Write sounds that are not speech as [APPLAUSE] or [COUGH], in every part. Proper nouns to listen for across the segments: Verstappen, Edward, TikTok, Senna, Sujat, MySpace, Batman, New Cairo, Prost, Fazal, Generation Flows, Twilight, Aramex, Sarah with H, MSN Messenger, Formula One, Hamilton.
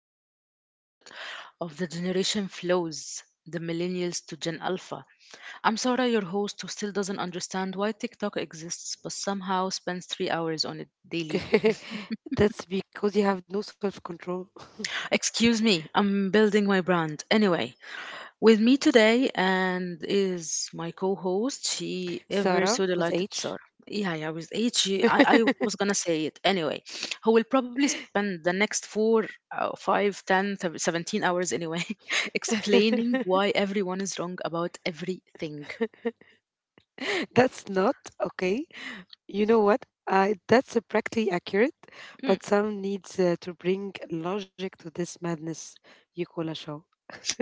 chaotic episode of the Generation Flows, the Millennials to Gen Alpha. I'm Sarah, your host, who still doesn't understand why TikTok exists but somehow spends 3 hours on it daily. [LAUGHS] That's because you have no self control. [LAUGHS] Excuse me, I'm building my brand. Anyway, with me today and is my co-host. She ever Sarah so with delighted, H. sir. Yeah, yeah, with H, I was gonna say it anyway. Who will probably spend the next 4, 5, 10, 17 hours anyway, [LAUGHS] [LAUGHS] explaining why everyone is wrong about everything. That's not okay. You know what? That's practically accurate, Hmm. but some needs to bring logic to this madness you call a show.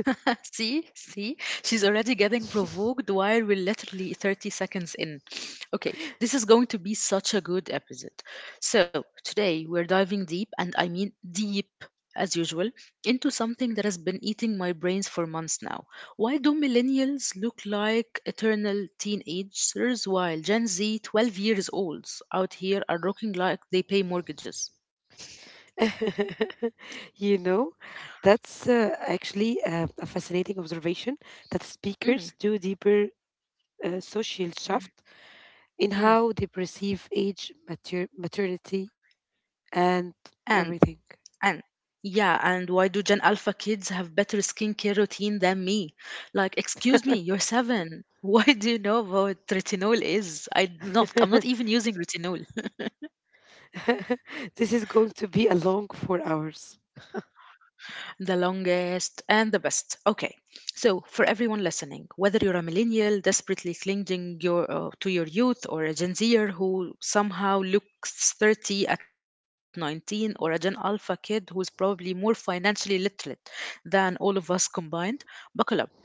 [LAUGHS] see, see, she's already getting provoked while we're literally 30 seconds in. Okay, this [LAUGHS] is going to be such a good episode. So, today we're diving deep, and I mean deep as usual, into something that has been eating my brains for months now. Why do millennials look like eternal teenagers while Gen Z, 12 years olds, out here are looking like they pay mortgages? [LAUGHS] you know, that's actually a fascinating observation that Mm. speakers do deeper social Mm. shift in Mm. how they perceive age, maternity, and And everything. And yeah, and why do Gen Alpha kids have better skincare routine than me? Like, excuse me, you're seven. [LAUGHS] Why do you know what retinol is? [LAUGHS] I'm not even using retinol. [LAUGHS] This is going to be a long 4 hours. The longest and the best. Okay, so for everyone listening, whether you're a millennial desperately clinging your to your youth, or a Gen Zer who somehow looks 30 at 19, or a Gen Alpha kid who's probably more financially literate than all of us combined, buckle up.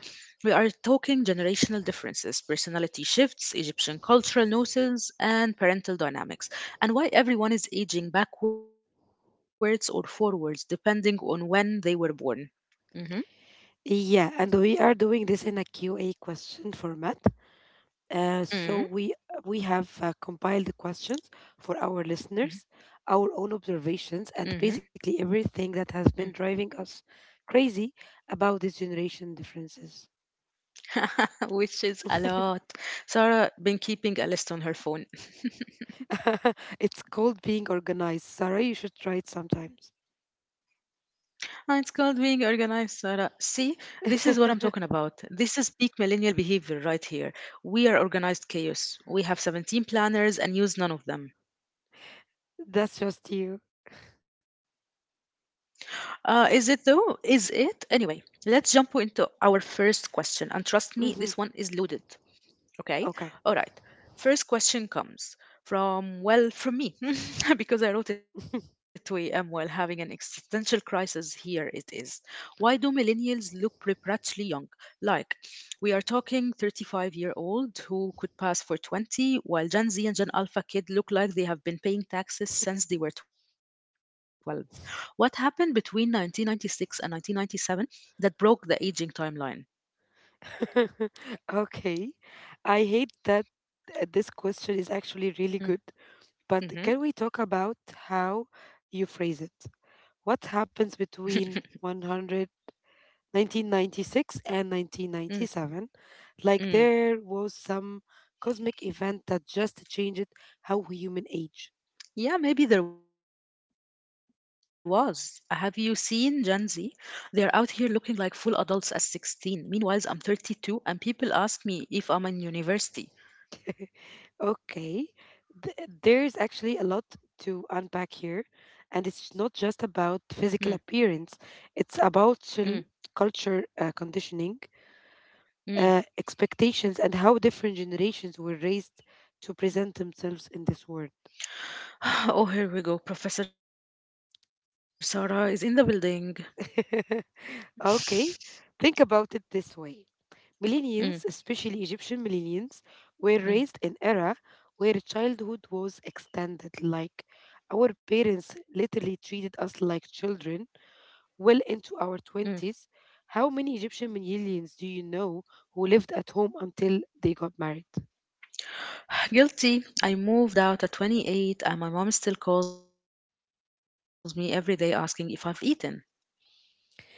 We are talking generational differences, personality shifts, Egyptian cultural nuances, and parental dynamics, and why everyone is aging backwards or forwards depending on when they were born. Hmm. Yeah, and we are doing this in a Q&A question format. So we have compiled the questions for our Hmm. listeners, our own Hmm. observations, and basically everything that has been driving us crazy about these generation differences. [LAUGHS] Which is a lot. Sarah been keeping a list on her phone. [LAUGHS] [LAUGHS] It's called being organized. Sarah, you should try it sometimes. Ah, it's called being organized, Sarah. See, this is what I'm talking about. This is peak millennial behavior right here. We are organized chaos. We have 17 planners and use none of them. That's just you. Is it though? Is it? Anyway, let's jump into our first question. And trust me, this one is Hmm. loaded. Okay, all right. Okay. First question comes from, well, from me, [LAUGHS] because I wrote it to AM while [LAUGHS] having an existential crisis. Here it is. Why do millennials look preternaturally young? Like, we are talking 35-year-old who could pass for 20, while Gen Z and Gen Alpha kid look like they have been paying taxes since they were 12. What happened between 1996 and 1997 that broke the aging timeline? Okay. I hate that this question is actually really good, but Mm. can we talk about how you phrase it? What happens between 100 1996 and Mm-hmm. 1997, like [LAUGHS] there was some cosmic event that just changed how human age? Yeah, maybe there was. Have you seen Gen Z? They are out here looking like full adults at 16. Meanwhile, I'm 32 and people ask me if I'm in university. [LAUGHS] Okay. Th- there's actually a lot to unpack here, and Mm. it's not just about physical appearance, it's Mm. about culture conditioning, Mm. Expectations, and how different generations were raised to present themselves in this world. [SIGHS] Oh, here we go. Professor Sarah is in the building. [LAUGHS] Okay, think about it this way. Mm. Millennials, especially Egyptian millennials, were Mm. raised in era where childhood was extended, like our parents literally treated us like children Mm. well into our 20s. How many Egyptian millennials do you know who lived at home until they got married? [SIGHS] Guilty. I moved out at 28 and my mom still calls me every day asking if I've eaten.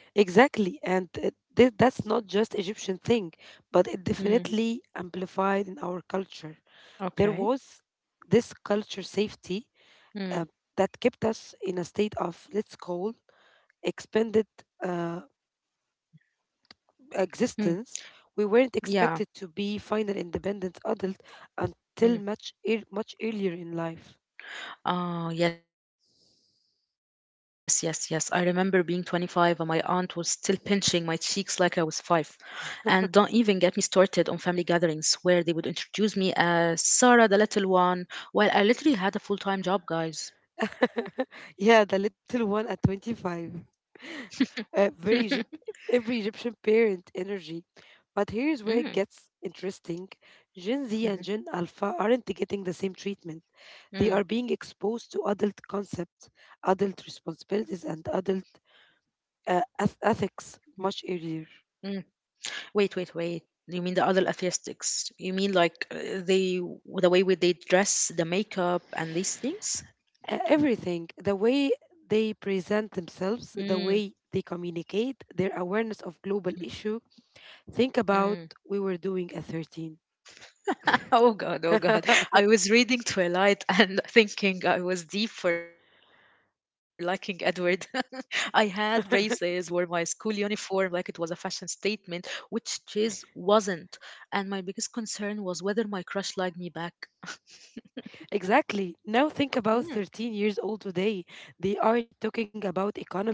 Exactly, and that's not just Egyptian thing, but it Mm, definitely amplified in our culture. There okay. was this culture safety Mm, uh, that kept us in a state of, let's call, expanded uh, mm, existence. We weren't yeah. expected to be final independent adult Hmm. until much earlier in life. [LAUGHS] Ah, yes, yes, yes. I remember being 25 and my aunt was still pinching my cheeks like I was five. And don't even get me started on family gatherings where they would introduce me as Sarah, the little one, while I literally had a full-time job, guys. Yeah, the little one at 25. [LAUGHS] uh, very Egypt, every Egyptian parent energy. But Mm. here's where it gets interesting. Gen Mhm. Z and Gen Alpha aren't getting the same treatment. They Mm. are being exposed to adult concepts, adult responsibilities, and adult Mm. ethics much Mm. earlier. Wait, wait, wait. You mean the other atheistics? You mean like they, the way they dress, the makeup, and these things? Everything, the way Mm. they present themselves, the way they communicate, their Mm. awareness of global issue. Think Mm. about we were doing at 13. [LAUGHS] Oh God, oh God. I was reading Twilight and [LAUGHS] thinking I was deep for liking Edward. [LAUGHS] I had braces, wore my school [LAUGHS] uniform like it was a fashion statement, which Chase wasn't. And my biggest concern was whether my crush liked me back. [LAUGHS] Exactly. Now think Mm. about 13 years old today. They are Mm. talking about economic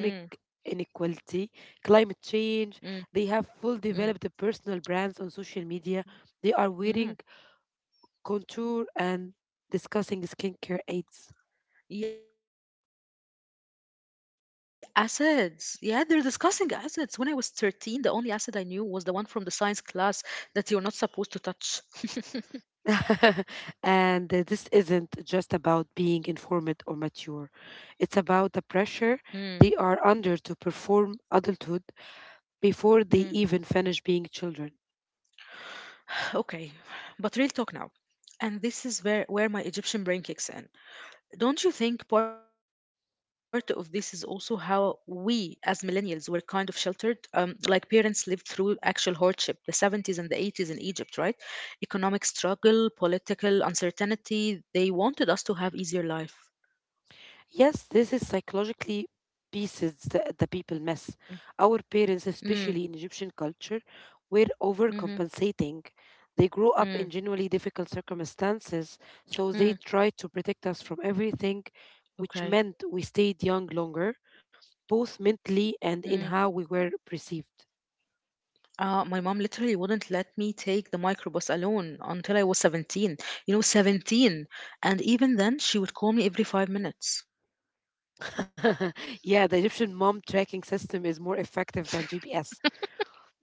inequality, climate Mm. change. They have Mm. full developed personal brands on social media. They are Mm. wearing contour and discussing skincare aids. Acids. Yeah, they're discussing acids. When I was 13, the only acid I knew was the one from the science class that you're not supposed to touch. [LAUGHS] [LAUGHS] And this isn't just about being informed or mature. It's Mm. about the pressure they are under to perform adulthood Mm. before they even finish being children. Okay, but real talk now. And this is where my Egyptian brain kicks in. Don't you think part of this is also how we, as millennials, were kind of sheltered? Like parents lived through actual hardship, the 70s and the 80s in Egypt, right? Economic struggle, political uncertainty. They wanted us to have easier life. Yes, this is psychologically pieces that the people miss. Our Mm. parents, especially in Egyptian culture, Mm. were Mhm. overcompensating. They grew Mm. up in genuinely difficult circumstances, so Mm, they tried to protect us from everything, which okay. meant we stayed young longer, Mm. both mentally and in how we were perceived. My mom literally wouldn't let me take the microbus alone until I was 17. You know, 17. And even then, she would call me every 5 minutes. [LAUGHS] [LAUGHS] Yeah, the Egyptian mom tracking system is more effective than GPS.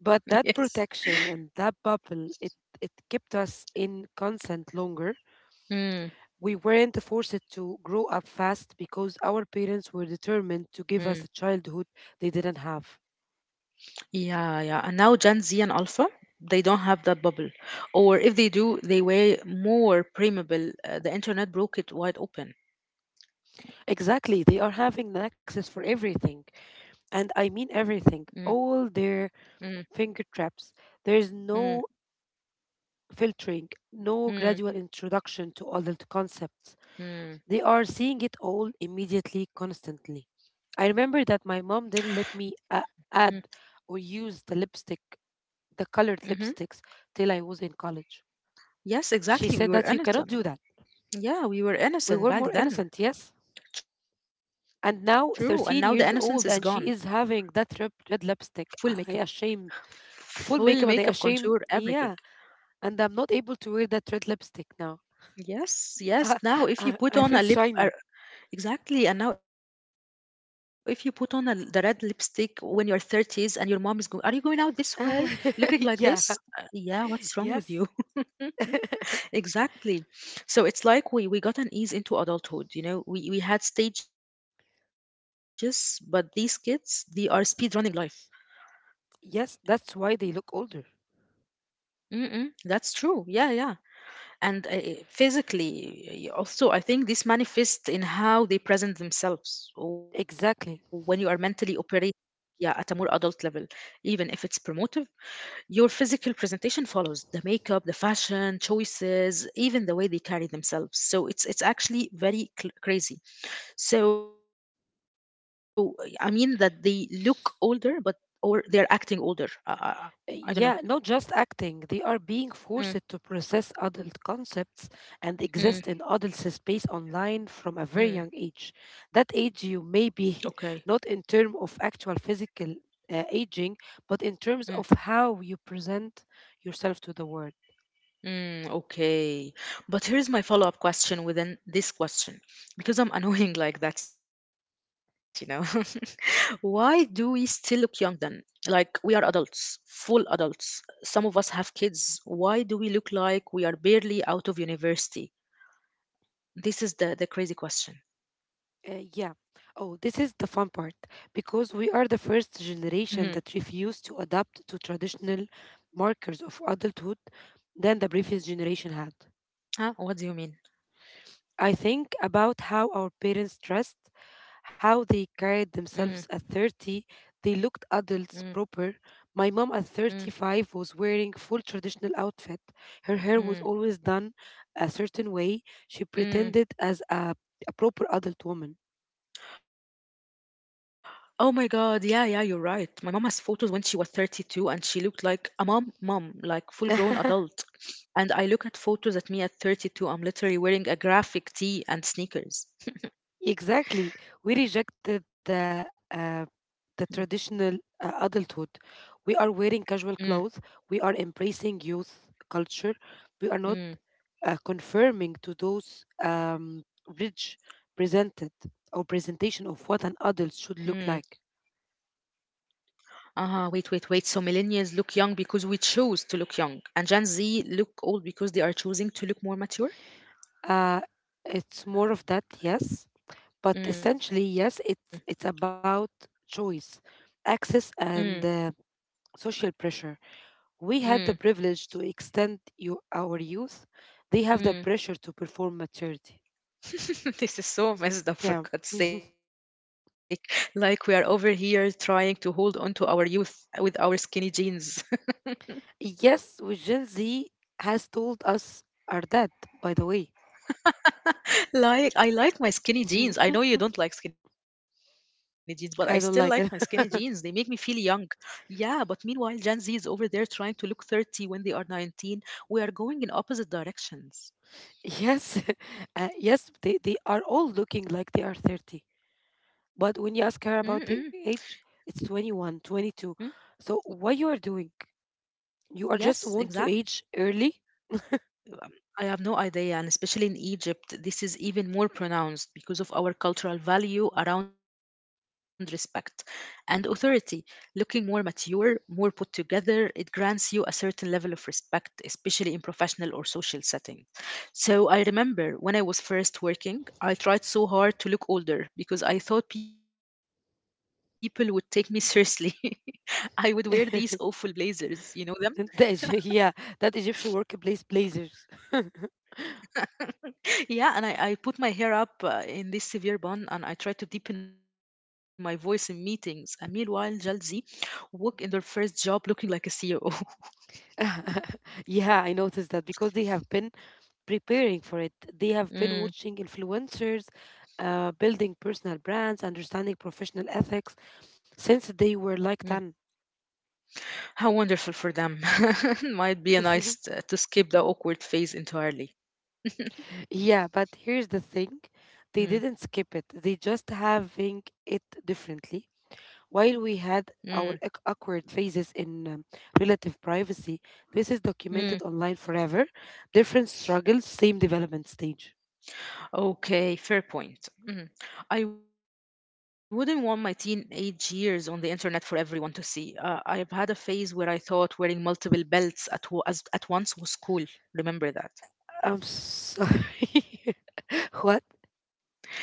But that protection and that bubble, it kept us in consent longer. Mm. We weren't forced to grow up fast because our Mm. parents were determined to give us a childhood they didn't have. Yeah, yeah. And now Gen Z and Alpha, they don't have that bubble. Or if they do, they way more permeable. The internet broke it wide open. Exactly, they are having an access for everything. Mm. And I mean everything, all Mm. their finger traps. There is Mm. no filtering, no Mm. gradual introduction to adult concepts. Mm. They are seeing it all immediately, constantly. I remember that my mom didn't let me Mm. Add or use the lipstick, the colored Hmm. lipsticks, till I was in college. Yes, She exactly. We said were that you cannot innocent. do that. Yeah, we were We innocent were more back then. innocent, yes? True. And now the innocence And is now gone. 13 years old and she is having that red, red Full makeup. lipstick. I ashame Full full makeup, makeup and I contour, ashame, everything. yeah. And I'm not able to wear that red lipstick now. Yes, [LAUGHS] yes. I, Now, if you I put I on a feel lip, shiny. exactly. And now, if you put on the red lipstick when you're 30s and your mom is going, Are you going out this way? Looking like this? [LAUGHS] Yeah. Yeah, what's wrong with you? Yes. [LAUGHS] Exactly. So it's like we got an ease into adulthood. We had stages, but these kids, they are speed running life. Yes, that's why they look older. Mm-mm, that's true. Yeah, yeah. And physically, also, I think this manifests in how they present themselves, or when you are mentally Exactly. operating, yeah, at a more adult level, even if it's promotive, your physical presentation follows, the makeup, the fashion choices, even the way they carry themselves. So it's actually very crazy. So, I mean, that they look older, but or they're acting older. I don't know. Yeah, not just acting, they are Mm. being forced to process adult concepts and Mm. exist in adult space online from a very Mm. young age. That Okay. age, you may be [LAUGHS] not in terms of actual physical aging, but in terms of how you present yourself to the world. Mm, okay. But here's my follow-up question within this question, because I'm [LAUGHS] annoying like that. [LAUGHS] Why do we still look young then? Like we are adults, full adults. Some of us have kids. Why do we look like we are barely out of university? This is the crazy question. Yeah. Oh, this is the fun part because Mm-hmm. we are the first generation that refused to adapt to traditional markers of adulthood than the previous generation had. Huh? What do you mean? I think about how our parents dressed, Mm. how they carried themselves at 30, they Mm. looked adults proper. My mom Mm. at 35 was wearing full traditional outfit. Her hair Mm. was always done a certain way. She Mm. pretended as a proper adult woman. Oh my God, yeah, yeah, you're right. My mom has photos when she was 32 and she looked like a mom, mom, like full grown adult. [LAUGHS] And I look at photos at me at 32, I'm literally wearing a graphic tee and sneakers. Exactly. We Mm. rejected the traditional adulthood. We are wearing Mm. casual clothes. We are embracing youth culture. We are not Mm. Confirming to those rich presented or Mm. presentation of what an adult should look like. Ah, wait, wait, wait. So millennials look young because we choose to look young, and Gen Z look old because they are choosing to look more mature? Uh, it's more of that, yes, but Mm. essentially, yes, it's about choice, access, Mm. and social pressure. We Mm. had the privilege to extend you our youth. They have the Mm. pressure to perform maturity. [LAUGHS] This is so messed up for Yeah. God's sake. Like we are over here trying to hold on to our youth with our skinny jeans. [LAUGHS] [LAUGHS] Yes, which Gen Z has told us are dead, by the way. Like I like my skinny jeans. I know [LAUGHS] you don't like skinny jeans, but I still like my skinny jeans. They I make me don't feel like it. young. Yeah, but meanwhile, Gen Z is over there trying to look 30 when they are 19. We are going in opposite directions. [LAUGHS] Yes. [LAUGHS] Yes, they are all looking like they are 30. Mm-mm-mm. But when you ask her about their age, it's 21, 22. So what you are doing? Yes, You are just exactly. want to age early? Um, I have no idea, and especially in Egypt, this is even more pronounced because of our cultural value around respect and authority. Looking more mature, more put together, it grants you a certain level of respect, especially in professional or social settings. So I remember when I was first working, I tried so hard to look older because I thought people would take me seriously. [LAUGHS] I would wear these awful blazers, you know [LAUGHS] them? Yeah, that Egyptian workplace blazers. [LAUGHS] [LAUGHS] Yeah, and I put my hair up in this severe bun and I try to deepen my voice in meetings. And meanwhile, Gen Z walk in their first job looking like a CEO. [LAUGHS] [LAUGHS] Yeah, I noticed that because they have been preparing for it. They have been Mm. watching influencers, building personal brands, understanding professional ethics Mm. since they were like 10. How wonderful for them. [LAUGHS] Might be a nice to [LAUGHS] skip the awkward phase entirely. Yeah, but here's the thing, they Mm. didn't skip it, they just having it differently. Mm. While we had our awkward phases in relative privacy, this is Mm. documented online forever. Different struggles, same development stage. Okay, fair point. Mm. I wouldn't want my teenage years on the internet for everyone to see. I've had a phase where I thought wearing multiple belts at once was cool. Remember that. I'm sorry. [LAUGHS] What?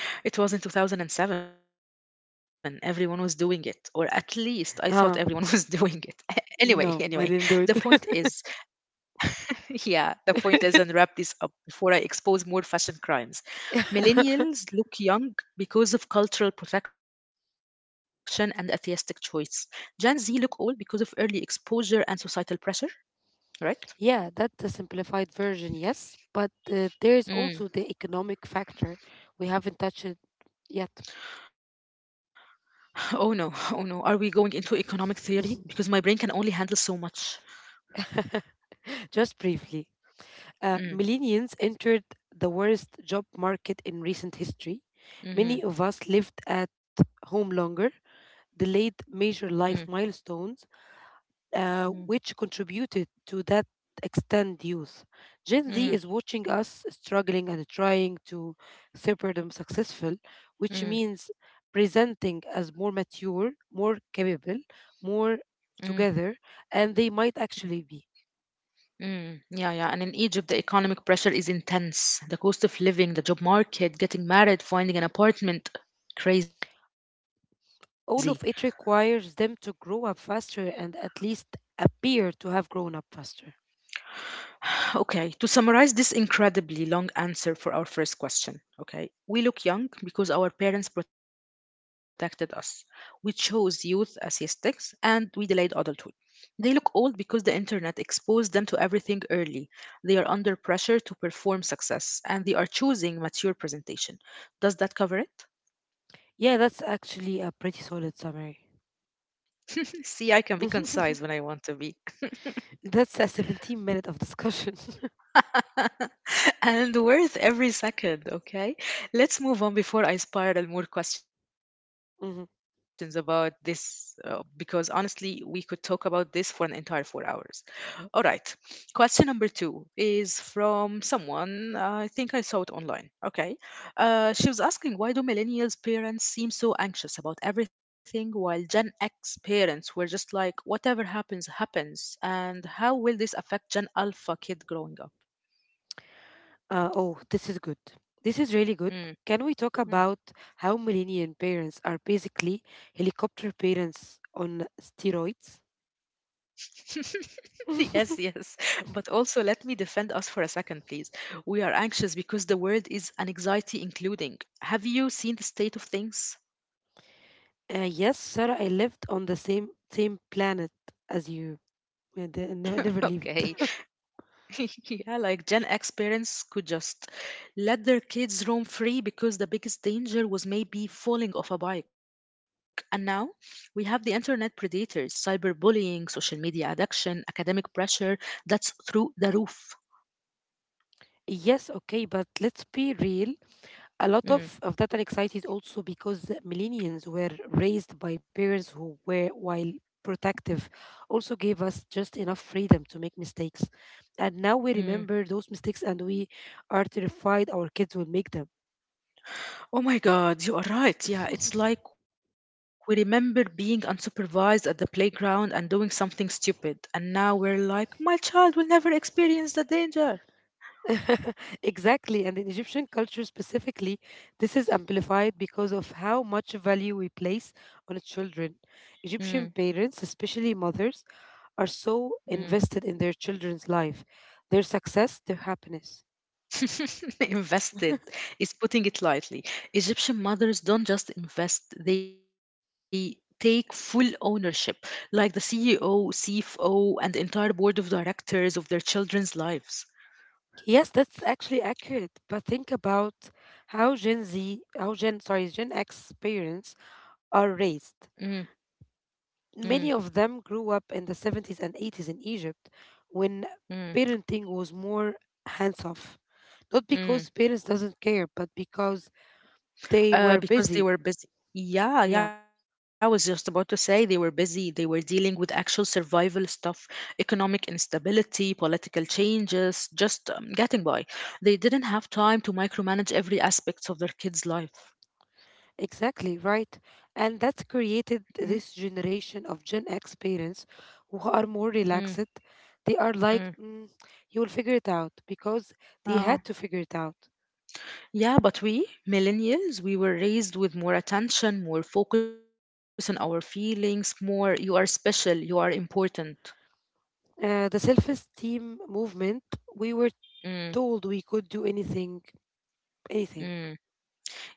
It was in 2007. Everyone was doing it, or at least I thought everyone [LAUGHS] was doing it. Ah, [LAUGHS] Anyway, the no, point I didn't is, do it. [LAUGHS] [LAUGHS] yeah, the point is, and wrap this up before I expose more fashion crimes. Millennials look young because of cultural protection and atheistic choice. Gen Z look old because of early exposure and societal pressure, right? Yeah, that's the simplified version, yes. But Mm. [SIGHS] there is also the economic factor. We haven't touched it yet. Oh no, oh no. Are we going into economic theory? Because my brain can only handle so much. [LAUGHS] Just briefly, Mm. Millennials entered the worst job market in recent history. Mm-hmm. Many of us lived at home longer, Mm. delayed major life milestones, Mm. Which contributed to that extend youth. Gen Mm. Z is watching us struggling and trying to separate them successful, which Mm. means presenting as more mature, more capable, more Mm. together, and they might actually be. Mm. Yeah, yeah. And in Egypt, the economic pressure is intense. The cost of living, the job market, getting married, finding an apartment, crazy. All of it requires them to grow up faster and at least appear to have grown up faster. Okay, to summarize this incredibly long answer for our first question, okay, we look young because our parents protected us. We chose youth as aesthetics and we delayed adulthood. They look old because the internet exposed them to everything early. They are under pressure to perform success and they are choosing mature presentation. Does that cover it? Yeah, that's actually a pretty solid summary. [LAUGHS] See, I can be concise when I want [LAUGHS] to be. That's a 17 minute of discussion. [LAUGHS] And worth every second, okay? Let's move on before I spiral more questions about this, [LAUGHS] because honestly, we could talk about this for an entire 4 hours. All right. Question number two is from someone. I think I saw it online. Okay. She was asking, why do millennials' parents seem so anxious about everything while Gen X parents were just like, whatever happens, happens, and how will this affect Gen Alpha kid growing up? Oh, this is good. This is really good. Hmm. Can we talk Hmm. about how millennial parents are basically helicopter parents on steroids? [LAUGHS] Yes, yes. [LAUGHS] But also, let me defend us for a second, please. We are anxious because the word is an anxiety including. Have you seen the state of things? Yes, Sarah, I lived on the same planet as you. I [LAUGHS] never, Okay. never lived. [LAUGHS] Yeah, like Gen X [LAUGHS] parents could just let their kids roam free because the biggest danger was maybe falling off a bike. And now we have the internet predators, cyberbullying, social media addiction, academic pressure that's through the roof. Yes, okay, but let's be real. A lot Mm, of that anxiety is also because millennials were raised by parents who were, while protective, also gave us just enough freedom to make mistakes. And now we mm. remember those mistakes and we are terrified our kids will make them. Oh my God, you are right. Yeah, it's like [LAUGHS] we remember being unsupervised at the playground and doing something stupid, and now we're like, my child will never experience the danger. [LAUGHS] Exactly. And in Egyptian culture specifically, this is amplified because of how much value we place on children. Mm, Egyptian parents, especially mothers, are mm. so invested in their children's life, their success, their happiness. [LAUGHS] Invested is putting it lightly. Egyptian mothers don't just invest, they take full ownership, like the CEO, CFO, and the entire board of directors of their children's lives. Yes, that's actually accurate. But think about how Gen Z, how Gen, sorry, Gen X parents Mm, are raised. mm, Many of them grew up in the 70s and 80s in Egypt when mm, parenting was more hands off. Not mm. because parents doesn't care, but because they were Because they busy. were busy. Yeah, yeah, Yeah. I was just about to say they were busy. They were dealing with actual survival stuff, economic instability, political changes, just getting by. They didn't have time to micromanage every aspect of their kids' life. Exactly, right. And that's Mm, created this generation of Gen X parents who are mm, more relaxed. They mm. are like, you will figure it out because they Uh, had to figure it out. yeah, but we, millennials, we were raised with more attention, more focus on our feelings, more you are special, you are important. The self esteem movement, we were Mm, told we could do anything, anything. mm.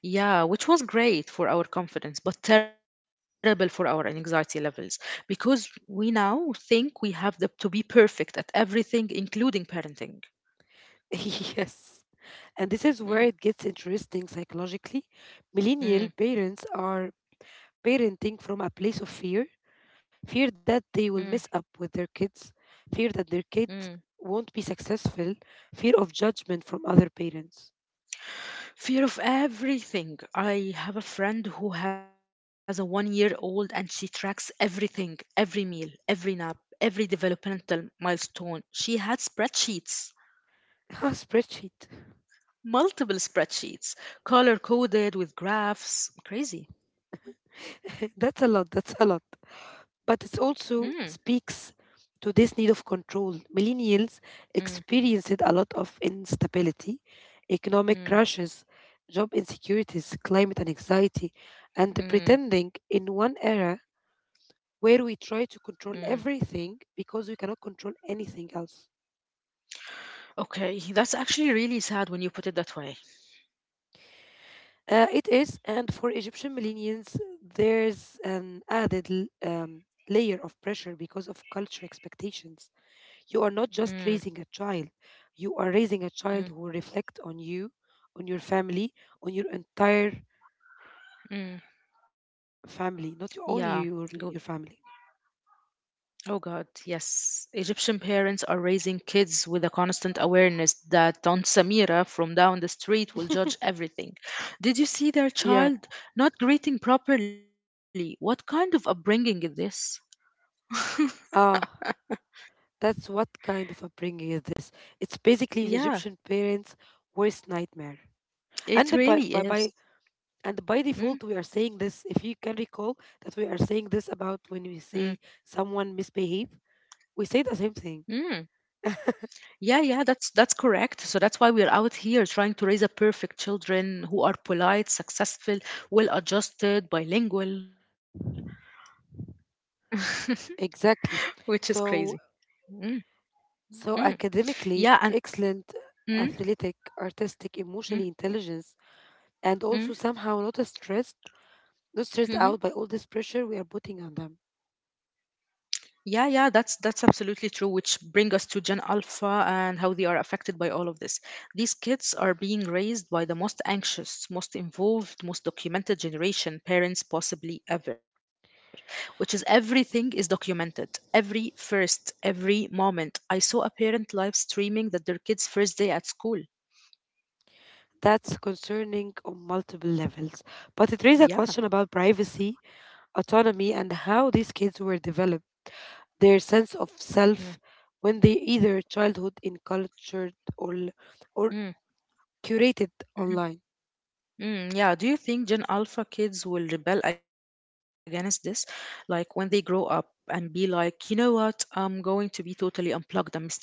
Yeah, which was great for our confidence, but terrible for our anxiety levels because we now think we have the, to be perfect at everything, including parenting. [LAUGHS] Yes. And this is Mm, where it gets interesting psychologically. Millennial mm, parents are parenting from a place of fear. Fear that mm, they will mess up with their kids, fear that their mm. kids won't be successful, fear of judgment from other parents. Fear of everything. I have a friend who has a 1 year old and she tracks everything, every meal, every nap, every developmental milestone. She had spreadsheets, [LAUGHS] Ah, spreadsheet. multiple spreadsheets, color coded with graphs. Crazy. [LAUGHS] That's a lot, that's a lot. But it also Mm, speaks to this need of control. Millennials mm, experienced a lot of instability, economic crashes, mm. job insecurities, climate and anxiety, and the pretending Mm, in one era where we try to mm. control everything because we cannot control anything else. Okay, [LAUGHS] that's actually really sad when you put it that way. It is, and for Egyptian millennials, there's an added layer of pressure because of culture expectations. You are not just Mm, raising a child; you are raising a child who mm, will reflect on you, on your family, on your entire mm. family, not your, Yeah, only good. your family. Oh God, yes. Egyptian parents are raising kids with a constant awareness that Aunt Samira from down the street will [LAUGHS] judge everything. Did you see their Yeah. child not greeting properly? What kind of upbringing is this? [LAUGHS] Ah, that's what kind of upbringing is this? It's basically the Egyptian Yeah, parents' worst nightmare. And by, by, it by really is. and by default we are Mm, saying this, if you can recall, that we are saying this about when mm, we see someone misbehave, we say the same thing mm. Yeah, yeah, that's correct. So that's why we're out here trying to raise a perfect children who are polite, successful, well-adjusted, bilingual, [LAUGHS] exactly. which is crazy. So Mm, so mm. academically Yeah, and excellent, mm, athletic, artistic, emotionally mm, intelligence, and also mm, somehow not stressed, not stressed out by all this mhm. pressure we are putting on them. yeah, yeah, that's absolutely true, which bring us to Gen Alpha and how they are affected by all of this. These kids are being raised by the most anxious, most involved, most documented generation parents possibly ever, which is everything is documented. Every first, every moment. I saw a parent live streaming that their kid's first day at school. That's concerning on multiple levels, but it raises a Yeah. question about privacy, autonomy, and how these kids were developed their sense of self when they either childhood in cultured or Mm-hmm. or curated Mm-hmm. online. Mm, yeah, do you think Gen Alpha kids will rebel against this? Like when they grow up and be like, you know what? I'm going to be totally unplugged and mysterious.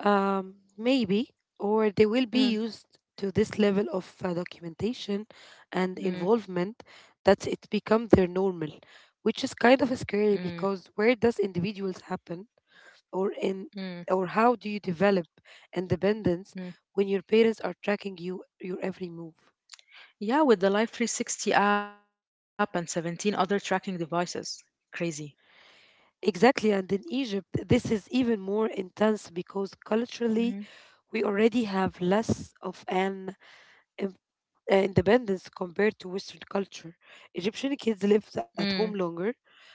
um, Maybe, or they will Mm, be used to this level of documentation and mm, involvement, that it become their normal, which is mm, kind of scary, because where does individuals happen, or mm, in, or how do you develop mm. independence when your parents are tracking you your every move? Yeah, with the Life 360 app and 17 other tracking devices. Crazy. Exactly, and in Egypt, this is even more intense because Mhm. culturally, we already have less of an im- independence compared to Western culture. Egyptian Mm, kids live at home longer,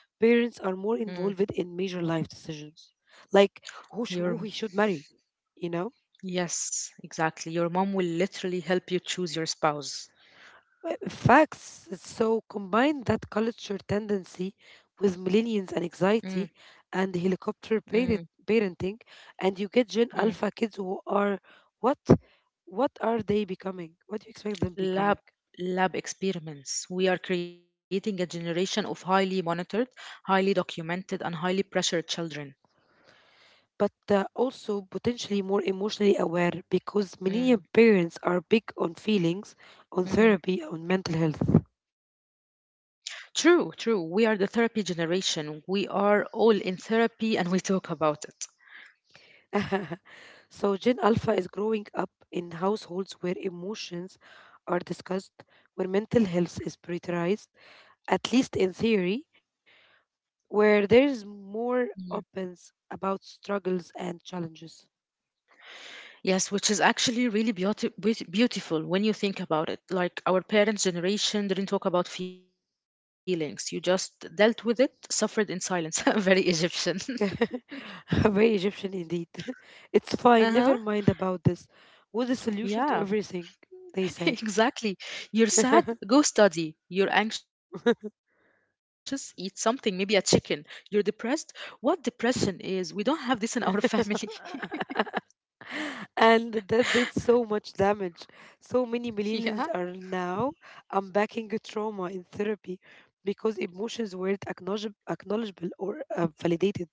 parents are mm. more involved in major life decisions, like who, Your, who he should marry, you know? yes, exactly. Your mom will literally help you choose your spouse. Well, facts. So combine that culture tendency with Mm, millennials and anxiety and mm, helicopter parenting, and you get Gen mm. Alpha kids who are what? What are they becoming? What do you expect them becoming? Lab lab experiments. We are creating a generation of highly monitored, highly documented, and highly pressured children. But also potentially more emotionally aware, because millennial Mm, parents are big on feelings, on therapy, mhm. on mental health. True, true. We are the therapy generation. We are all in therapy and we talk about it. [LAUGHS] So Gen Alpha is growing up in households where emotions are discussed, where mental health is prioritized, at least in theory, where there is more Mm. openness about struggles and challenges. Yes, which is actually really beautiful when you think about it. Like our parents' generation didn't talk about feelings, you just dealt with it, suffered in silence. [LAUGHS] Very Egyptian. [LAUGHS] Very Egyptian indeed. [LAUGHS] It's [LAUGHS] Uh fine, huh. never mind about this. What's the solution to Yeah, everything? They say. [LAUGHS] exactly. You're sad, go study. You're anxious, [LAUGHS] eat something, maybe a chicken. You're depressed. What depression is? We don't have this in our [LAUGHS] family. [LAUGHS] [LAUGHS] And that did so much damage. So many Yeah, millennials are now unpacking trauma in therapy because emotions weren't acknowledgeable or validated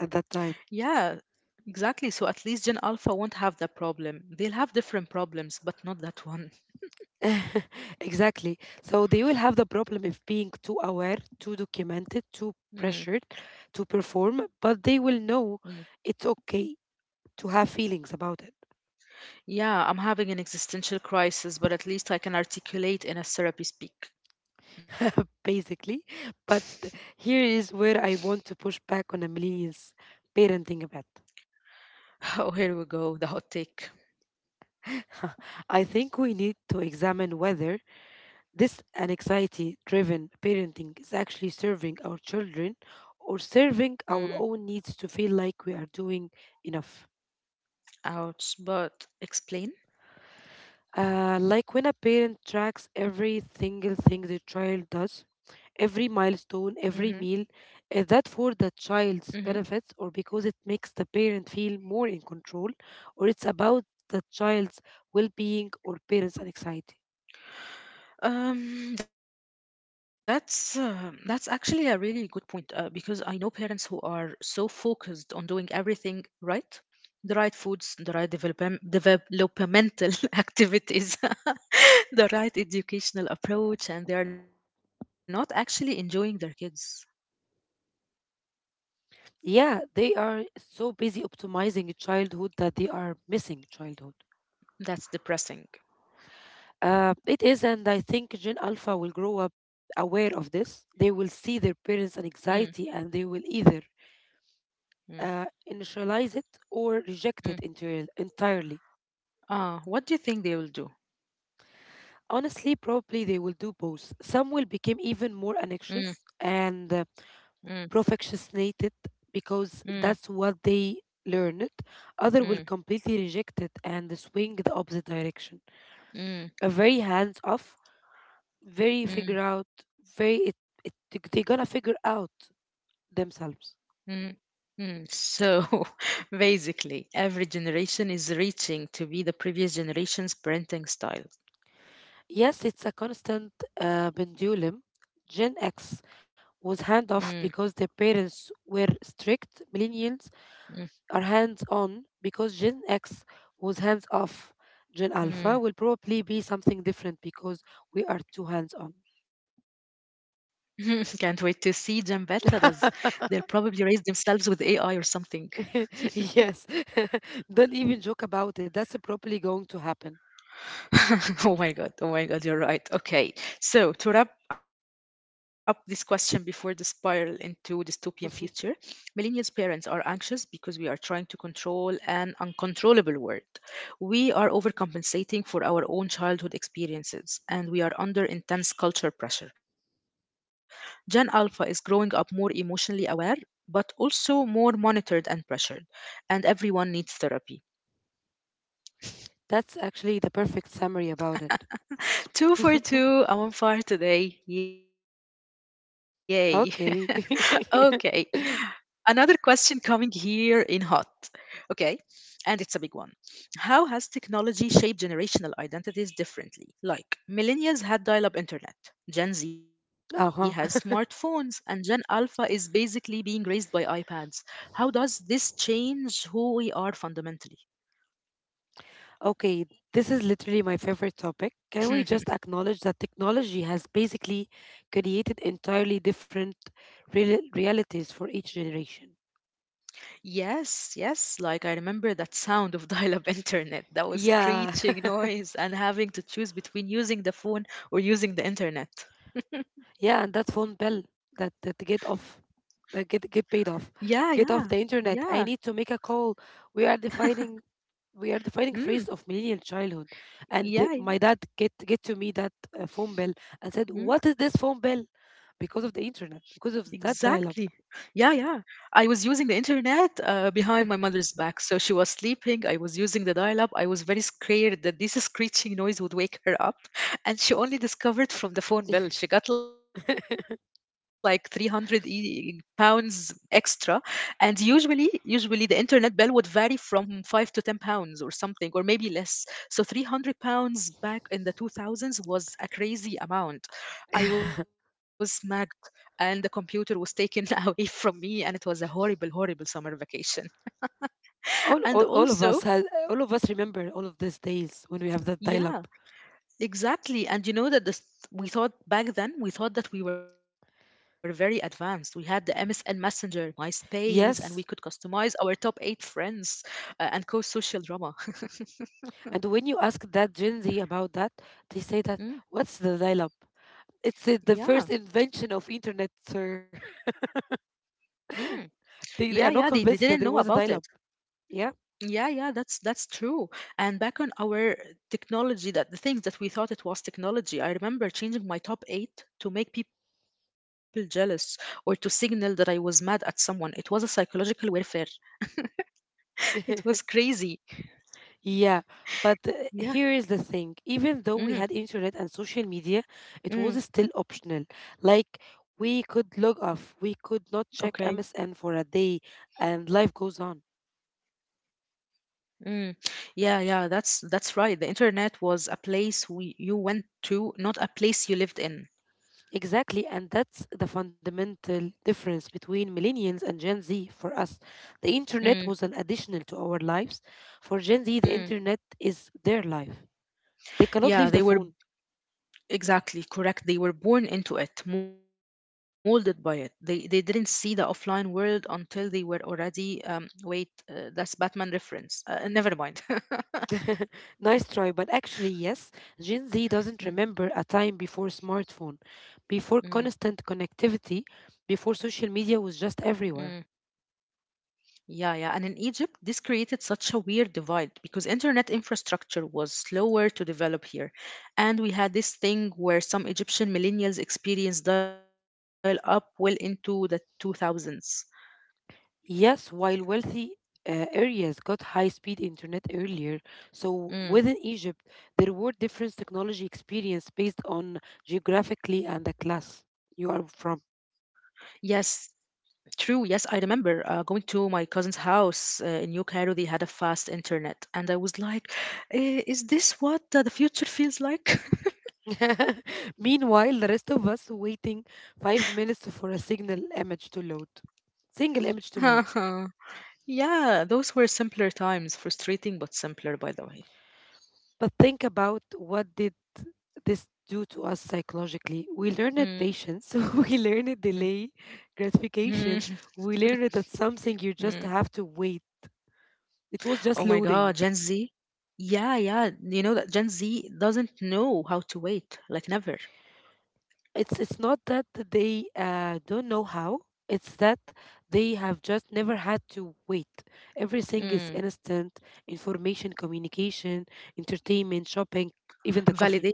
at that time. yeah, exactly. So at least Gen Alpha won't have that problem. They'll have different problems, but not that one. [LAUGHS] Exactly. So they will have the problem of being too aware, too documented, too Mm. pressured to perform, but they will know mm. it's okay to have feelings about it, Yeah, I'm having an existential crisis, but at least I can articulate in a therapy speak. [LAUGHS] basically. But here is where I want to push back on a millennials parenting a bit. Oh, here we go, the hot take. [LAUGHS] I think we need to examine whether this anxiety driven parenting is actually serving our children or serving our Hmm, own needs to feel like we are doing enough. ouch, but explain? Like when a parent tracks every single thing the child does, every Mm-hmm, milestone, every meal, is that for the mm-hmm. child's benefits, or because it makes the parent feel more in control, or it's about the child's well being or parents' anxiety? Um, that's uh, that's actually a really good point because I know parents who are so focused on doing everything right, the right foods, the right developmental [LAUGHS] activities, [LAUGHS] the right educational approach, and they are not actually enjoying their kids. Yeah, they are so busy optimizing childhood that they are missing childhood. That's depressing. It is, and I think Gen Alpha will grow up aware of this. They will see their parents' Mm, anxiety and they will either uh, mm, initialize it or reject it mm. entirely. What do you think they will do? Honestly, probably they will do both. Some will become even more Mm, anxious and mm, perfectionistic because that's what mm, they learned. Other will completely mm, reject it and swing the opposite direction. A very hands mm, off, very figure out, mm, very it, it they're gonna figure out themselves. mm, mm. So [LAUGHS] basically, every generation is reaching to be the previous generation's parenting style. Yes, it's a constant pendulum. Gen X was Mm, hands off because their parents were strict. Millennials are mm, hands on because Gen X was hands off. Gen Alpha will probably be mm. something different because we are too hands on. [LAUGHS] Can't wait to see Jambetta does. They'll probably raise themselves with AI or something. [LAUGHS] Yes. [LAUGHS] Don't even joke about it. That's probably going to happen. [LAUGHS] Oh my god, oh my god, you're right. Okay, so to wrap up this question before the spiral into dystopian [LAUGHS] future, millennials' parents are anxious because we are trying to control an uncontrollable world. We are overcompensating for our own childhood experiences, and we are under intense culture pressure. Gen Alpha is growing up more emotionally aware. But also more monitored and pressured, and everyone needs therapy. That's actually the perfect summary about it. Two for [LAUGHS] two, I'm on fire today. Yay. [LAUGHS] Okay. Okay. Another question coming here in hot. Okay. And it's a big one. How has technology shaped generational identities differently? Like, millennials had dial up internet, Gen Z has [LAUGHS] Uh smartphones, huh. and Gen Alpha is basically being raised by iPads. How does this change who we are fundamentally? Okay. This is literally my favorite topic. Can we just [LAUGHS] acknowledge that technology has basically created entirely different realities for each generation? Yes, yes. Like I remember that sound of [LAUGHS] dial-up internet, that was screeching Yeah, noise and having to choose between using the phone or using the internet. yeah, and that phone bill, that get off, that Yeah, get paid yeah, off, get off the yeah. internet. I need to make a call. We are defining, we are defining Mm, phrase of millennial childhood, and yeah, my dad get to me that phone bill and said, yeah. "What is this phone bill?" Because of the internet, Exactly. because of Yeah, that yeah. dial-up. I was using the internet behind my mother's back. So she was sleeping. I was using the dial up. I was very scared that this [LAUGHS] screeching noise would wake her up. [LAUGHS] And she only discovered from the phone bill. She got like 300 [LAUGHS] pounds extra. And usually the internet bill would vary from 5 to 10 pounds or something, or maybe less. So 300 pounds back in the 2000s was a crazy amount. I was mad and the computer was taken [LAUGHS] away from me, and it was a horrible summer vacation. [LAUGHS] And also all of us has, all of us remember all of these days when we have that yeah, dial-up. exactly. And you know that this we thought back then, we thought that we were very advanced. We had the MSN Messenger, Myspace, and we could customize Yes, our top eight friends, and co-social drama. and when you ask that Gen Z about that, they [LAUGHS] say mm, that what's the dial-up? It's the yeah, first invention of internet, sir. [LAUGHS] mm, yeah, yeah, they didn't they know are not about it. convinced that there was a dial-up. Yeah. Yeah, yeah, that's true. And back on our technology, that the things that we thought it was technology, I remember changing my top eight to make people jealous or to signal that I was mad at someone. It was a psychological warfare. [LAUGHS] It was [LAUGHS] crazy. Yeah, but Yeah. here is the thing. Even though Mm, we had internet and social media, it mm, was still optional. Like okay. we could log off, we could not check MSN for a day, and life goes on. Mm. Yeah, yeah, that's right. The internet was a place we you went to, not a place you lived in. Exactly, and that's the fundamental difference between millennials and Gen Z for us. Mm, The internet was an additional to our lives. For mm. Gen Z, the internet is their life. They Yeah, they cannot were leave the phone. exactly, correct. They were born into it, molded by it. They didn't see the offline world until they were already. That's Batman reference. Never mind. [LAUGHS] [LAUGHS] Nice try, but actually, yes, Gen Z Mm, doesn't remember a time before smartphone, before mm, constant connectivity, before mm. social media was just everywhere. Yeah, yeah. And in Egypt, this created such a weird divide because internet infrastructure was slower to develop here. And we had this thing where some Egyptian millennials experienced dial up well into the 2000s. Yes, while wealthy areas got high speed internet earlier, Mm. so within Egypt, there were different technology experience based on geographically and the class you are Yes, from. true, yes, I remember going to my cousin's house in New Cairo. They had a fast internet, and I was like, "Eh, is this what the future feels like?" [LAUGHS] Meanwhile, the rest of us waiting 5 minutes for a signal image to load, single image to [LAUGHS] load. Yeah, those were simpler times, frustrating but simpler, by the way. But think about what did this do to us psychologically? We learned Mm. patience, [LAUGHS] we learned Mm. delay [LAUGHS] gratification, we learned Mm. that something you just have to wait. Oh my It was God, just Gen Z. loading. Yeah, yeah, you know that Gen Z doesn't know how to wait, like never. It's not that they don't know how. It's that they have just never had to wait. Mm. Everything is instant: information, communication, entertainment, shopping, even the coffee.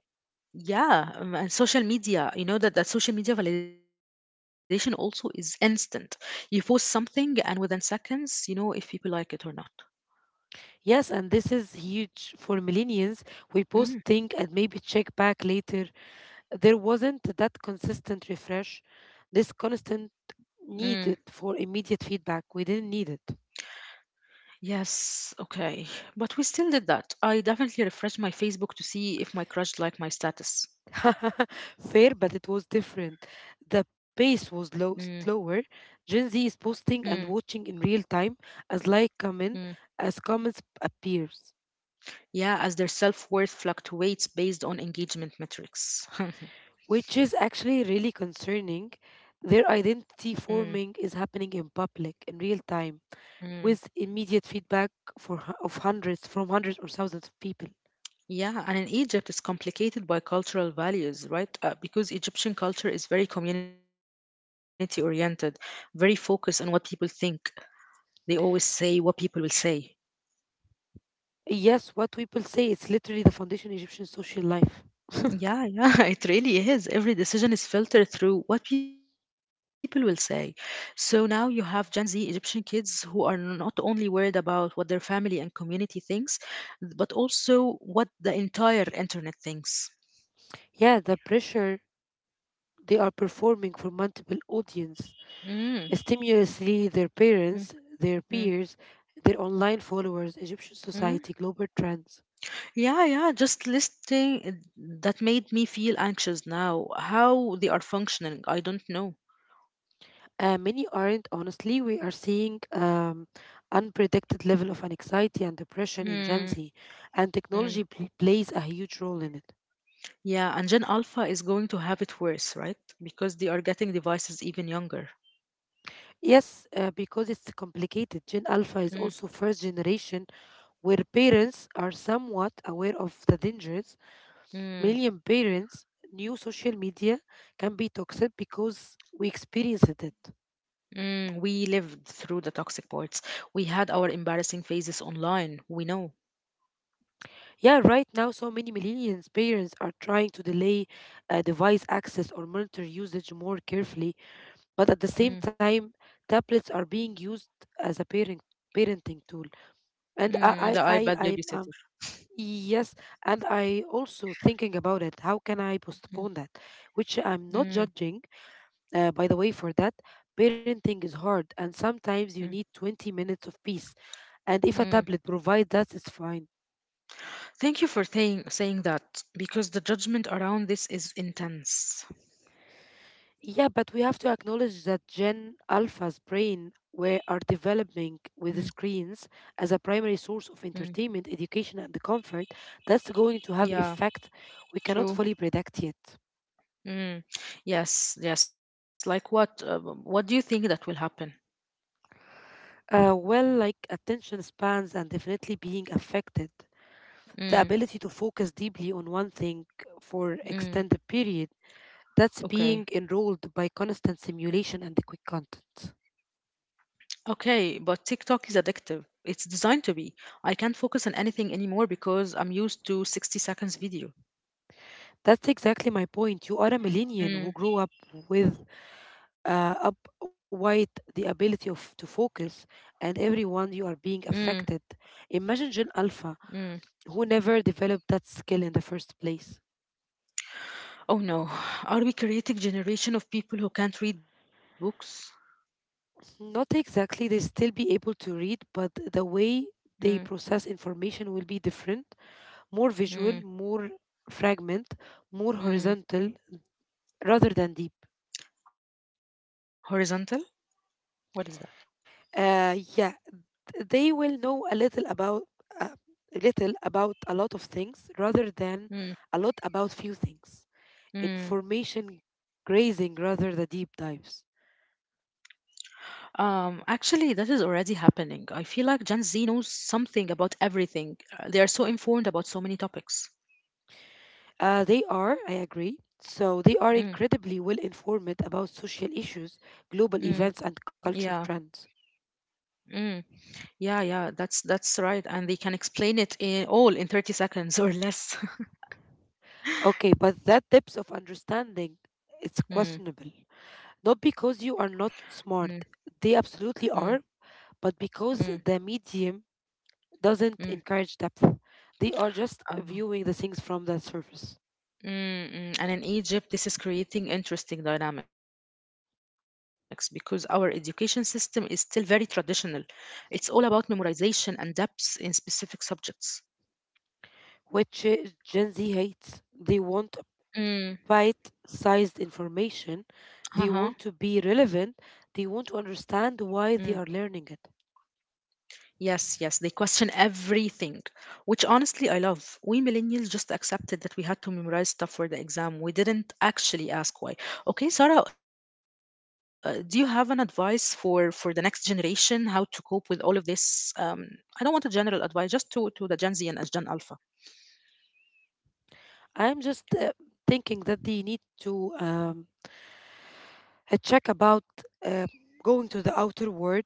Yeah, and social media, you know that social media validation also is instant. You post something and within seconds you know if people like it or not. Yes, and this is huge for millennials. We mm, post think and maybe check back later. There wasn't that consistent refresh. This mm. constant needed for immediate feedback. We didn't need it. Yes, okay, but we still did that. I definitely refreshed my Facebook to see if my crush liked my status. [LAUGHS] Fair, but it was different. The mm, pace was low, slower. Gen Z mm, is posting and watching in real time as like mm. comment as comments appears, Yeah, as their self-worth fluctuates based on engagement metrics. [LAUGHS] which is actually really concerning. mm, Their identity forming is happening in public in real time mm. with immediate feedback for of hundreds from hundreds or thousands of people. Yeah, and in Egypt, it's complicated by cultural values, right? Because Egyptian culture is very community oriented, very focused on what people think. They always say what people will say. Yes, what people say, it's literally the foundation Egyptian social life. [LAUGHS] Yeah, yeah, [LAUGHS] it really is. Every decision is filtered through what people will say. So now you have Gen Z Egyptian kids who are not only worried about what their family and community thinks, but also what the entire internet thinks. Yeah, the pressure they are performing for multiple audience, Mm, stimulously their mm, parents, their mm, peers, their online followers, Egyptian mm. society, global trends. Yeah, yeah, just that made me feel anxious now. How they are functioning, I don't know. Many aren't honestly. We are seeing unpredicted level of anxiety and depression in Gen Hmm. Z, and hmm. technology plays a huge role in it. Yeah, and Gen Alpha is going to have it worse, right? Because they are getting devices even younger. Yes, because it's complicated. Gen Alpha is Mm, also first generation where parents are somewhat aware of the dangers. mm, Million parents new social media can be toxic because we experienced it. Mm, we lived through the toxic parts. We had our embarrassing phases online. We know. Yeah, right now so many millennials parents are trying to delay device access or monitor usage more carefully. But at the mm, same time, tablets are being used as a parenting tool. And The iPad I babysitter. yes, and I also thinking about it. How can I mm, postpone that? Which I'm not mm, judging, by the way, for that. Parenting is hard, and sometimes you mm, need 20 minutes of peace. And if a mm, tablet provides that, it's fine. Thank you for saying that because the judgment around this is intense. Yeah, but we have to acknowledge that Gen Alpha's brain were are mm, developing with screens as a primary source of mm. entertainment, education, and comfort. That's going to have Yeah, effect we cannot fully true. predict yet. Mm. Yes, yes. Like what do you think that will happen? Well, like attention spans and definitely being affected. The ability to Mm. focus deeply on one thing for extended Mm. period. That's being enrolled Okay. by constant simulation and the quick content. Okay, but TikTok is addictive. It's designed to be. I can't focus on anything anymore because I'm used to 60 seconds video. That's exactly my point. You are a millennial who grew up Mm. with up white the ability of to focus, and everyone you are being Mm. affected. Imagine Gen Alpha Mm. who never developed that skill in the first place. Oh no. [SIGHS] Are we creating generation of people who can't read books? Not exactly, they still be able to read, but the way they Mm. process information will be different: more visual, more Mm. fragment, more horizontal Mm. rather than deep. Horizontal? What is that? Yeah, they will know a little about uh, a lot of things rather than a lot Mm. about few things. Information Mm. grazing rather than deep dives. Actually, that is already happening. I feel like Gen Z knows something about everything. They are so informed about so many topics. They are, I agree. So they are incredibly well Mm, informed about social issues, global mm, events, and culture yeah, trends. mm, yeah, yeah. That's right, and they can explain all in 30 seconds or less. [LAUGHS] Okay, but that depth of understanding it's questionable. Mm, Not because you are not smart, mm, they absolutely are, mm, but because the mm, medium doesn't encourage depth. mm. They are just viewing the things Um, from the surface, mm, mm. And in Egypt, this is creating interesting dynamics because our education system is still very traditional. It's all about memorization and depths in specific subjects. which Gen Z hates. They want bite Mm, sized information. They want to be uh-huh. relevant. They want to understand why Mm. they are learning it. Yes, yes, they question everything, which honestly I love. We millennials just accepted that we had to memorize stuff for the exam. We didn't actually ask why. Okay, Sarah, do you have an advice for the next generation how to cope with all of this? I don't want a general advice, just to the Gen Z and as Gen Alpha. I'm just thinking that they need to check about uh, going to the outer world,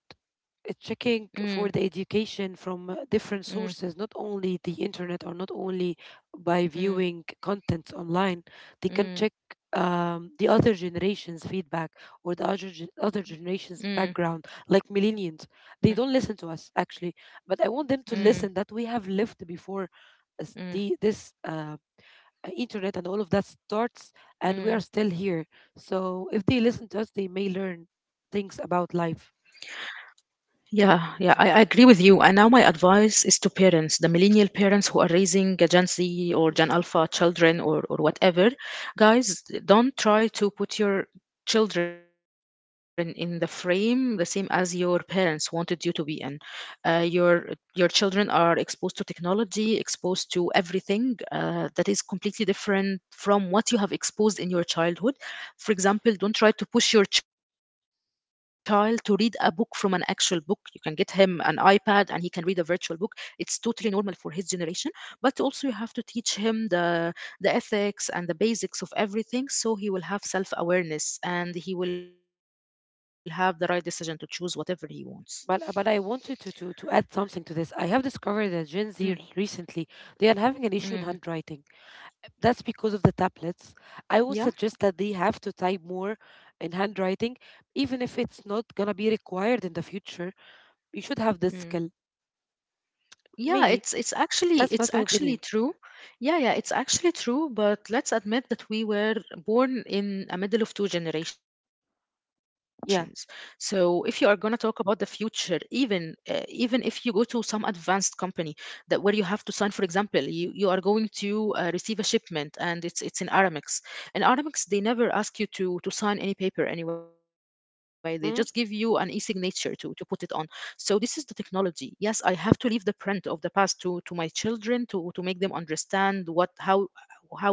checking for the Mm, education from different sources, not mm, only the internet or not only by viewing mm, contents online. They can check mm, the other generation's feedback or the other mm, generation's background, like millennials. They don't mm, listen to us actually, but I want them to listen that we have mm, lived before us the, this. mm, Internet and all of that starts and we are still here, mm. so if they listen to us they may learn things about life. Yeah, yeah, I agree with you. And now my advice is to parents, the millennial parents who are raising a Gen [LAUGHS] Z or Gen Alpha children or whatever, guys, don't try to put your children in the frame the same as your parents wanted you to be in. Uh, your your children are exposed to technology, exposed to everything that is completely different from what you have exposed in your childhood, for example, don't try to push your child to read a book from an actual book. You can get him an iPad and he can read a virtual book. It's totally normal for his generation, but also you have to teach him the ethics and the basics of everything so he will have self-awareness and he will have the right decision to choose whatever he wants. But I wanted to add something to this. I have discovered that Gen Z Mm, recently they are having an issue in handwriting. mm, That's because of the tablets. I would suggest that they have yeah. to type more in handwriting, even if it's not gonna be required in the future. You should have this skill. mm. Maybe. Yeah, That's my opinion. it's actually true. Yeah, yeah, it's actually true, but let's admit that we were born in a middle of two generations. Yeah. So if you are going to talk about the future, even if you go to some advanced company that where you have to sign, for example, you are going to receive a shipment and it's in Aramex. In Aramex, they never ask you to sign any paper anyway. They just Mm-hmm. give you an e-signature to put it on. So this is the technology. Yes, I have to leave the print of the past to my children to make them understand what,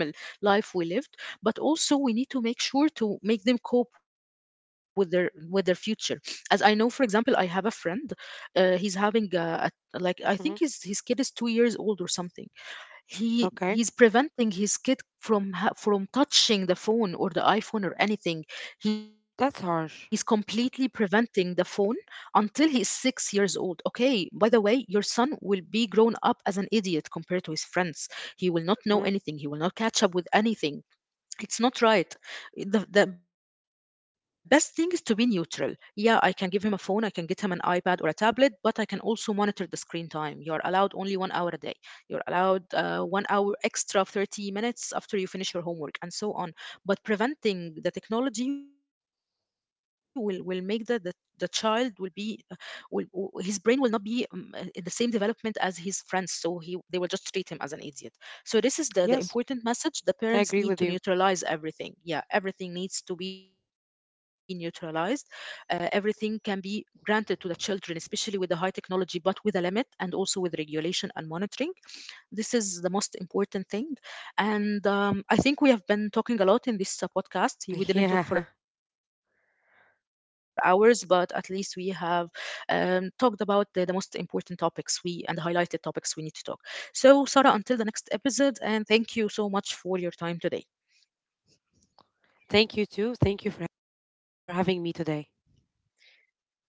how the normal life we lived, but also we need to make sure to make them cope with their future. As I know, for example, I have a friend, he's having a Mm-hmm. like I think his kid is 2 years old or something. Okay. He's preventing his kid from touching the phone or the iPhone or anything. That's He's harsh. completely preventing the phone until he's 6 years old. Okay, by the way, your son will be grown up as an idiot compared to his friends. Mm. He will not know anything, he will not catch up with anything. It's not right. The best thing is to be neutral. Yeah, I can give him a phone, I can get him an iPad or a tablet, but I can also monitor the screen time. You're allowed only 1 hour a day, you're allowed 1 hour extra of 30 minutes after you finish your homework and so on. But preventing the technology will make the child will be will w- his brain will not be in the same development as his friends, so he they will just treat him as an idiot. So Yes, this is the important I agree message, the with you. parents need to neutralize everything. Yeah, everything needs to be neutralized. Everything can be granted to the children, especially with the high technology, but with a limit and also with regulation and monitoring. This is the most important thing. And I think we have been talking a lot in [LAUGHS] this Yeah. podcast. We didn't talk for hours, but at least we have talked about the most important topics we and highlighted topics we need to talk. So, Sarah, until the next episode, and thank you so much for your time today. Thank you too. Thank you for for having me today.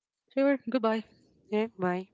Sure, goodbye. Yeah. Bye.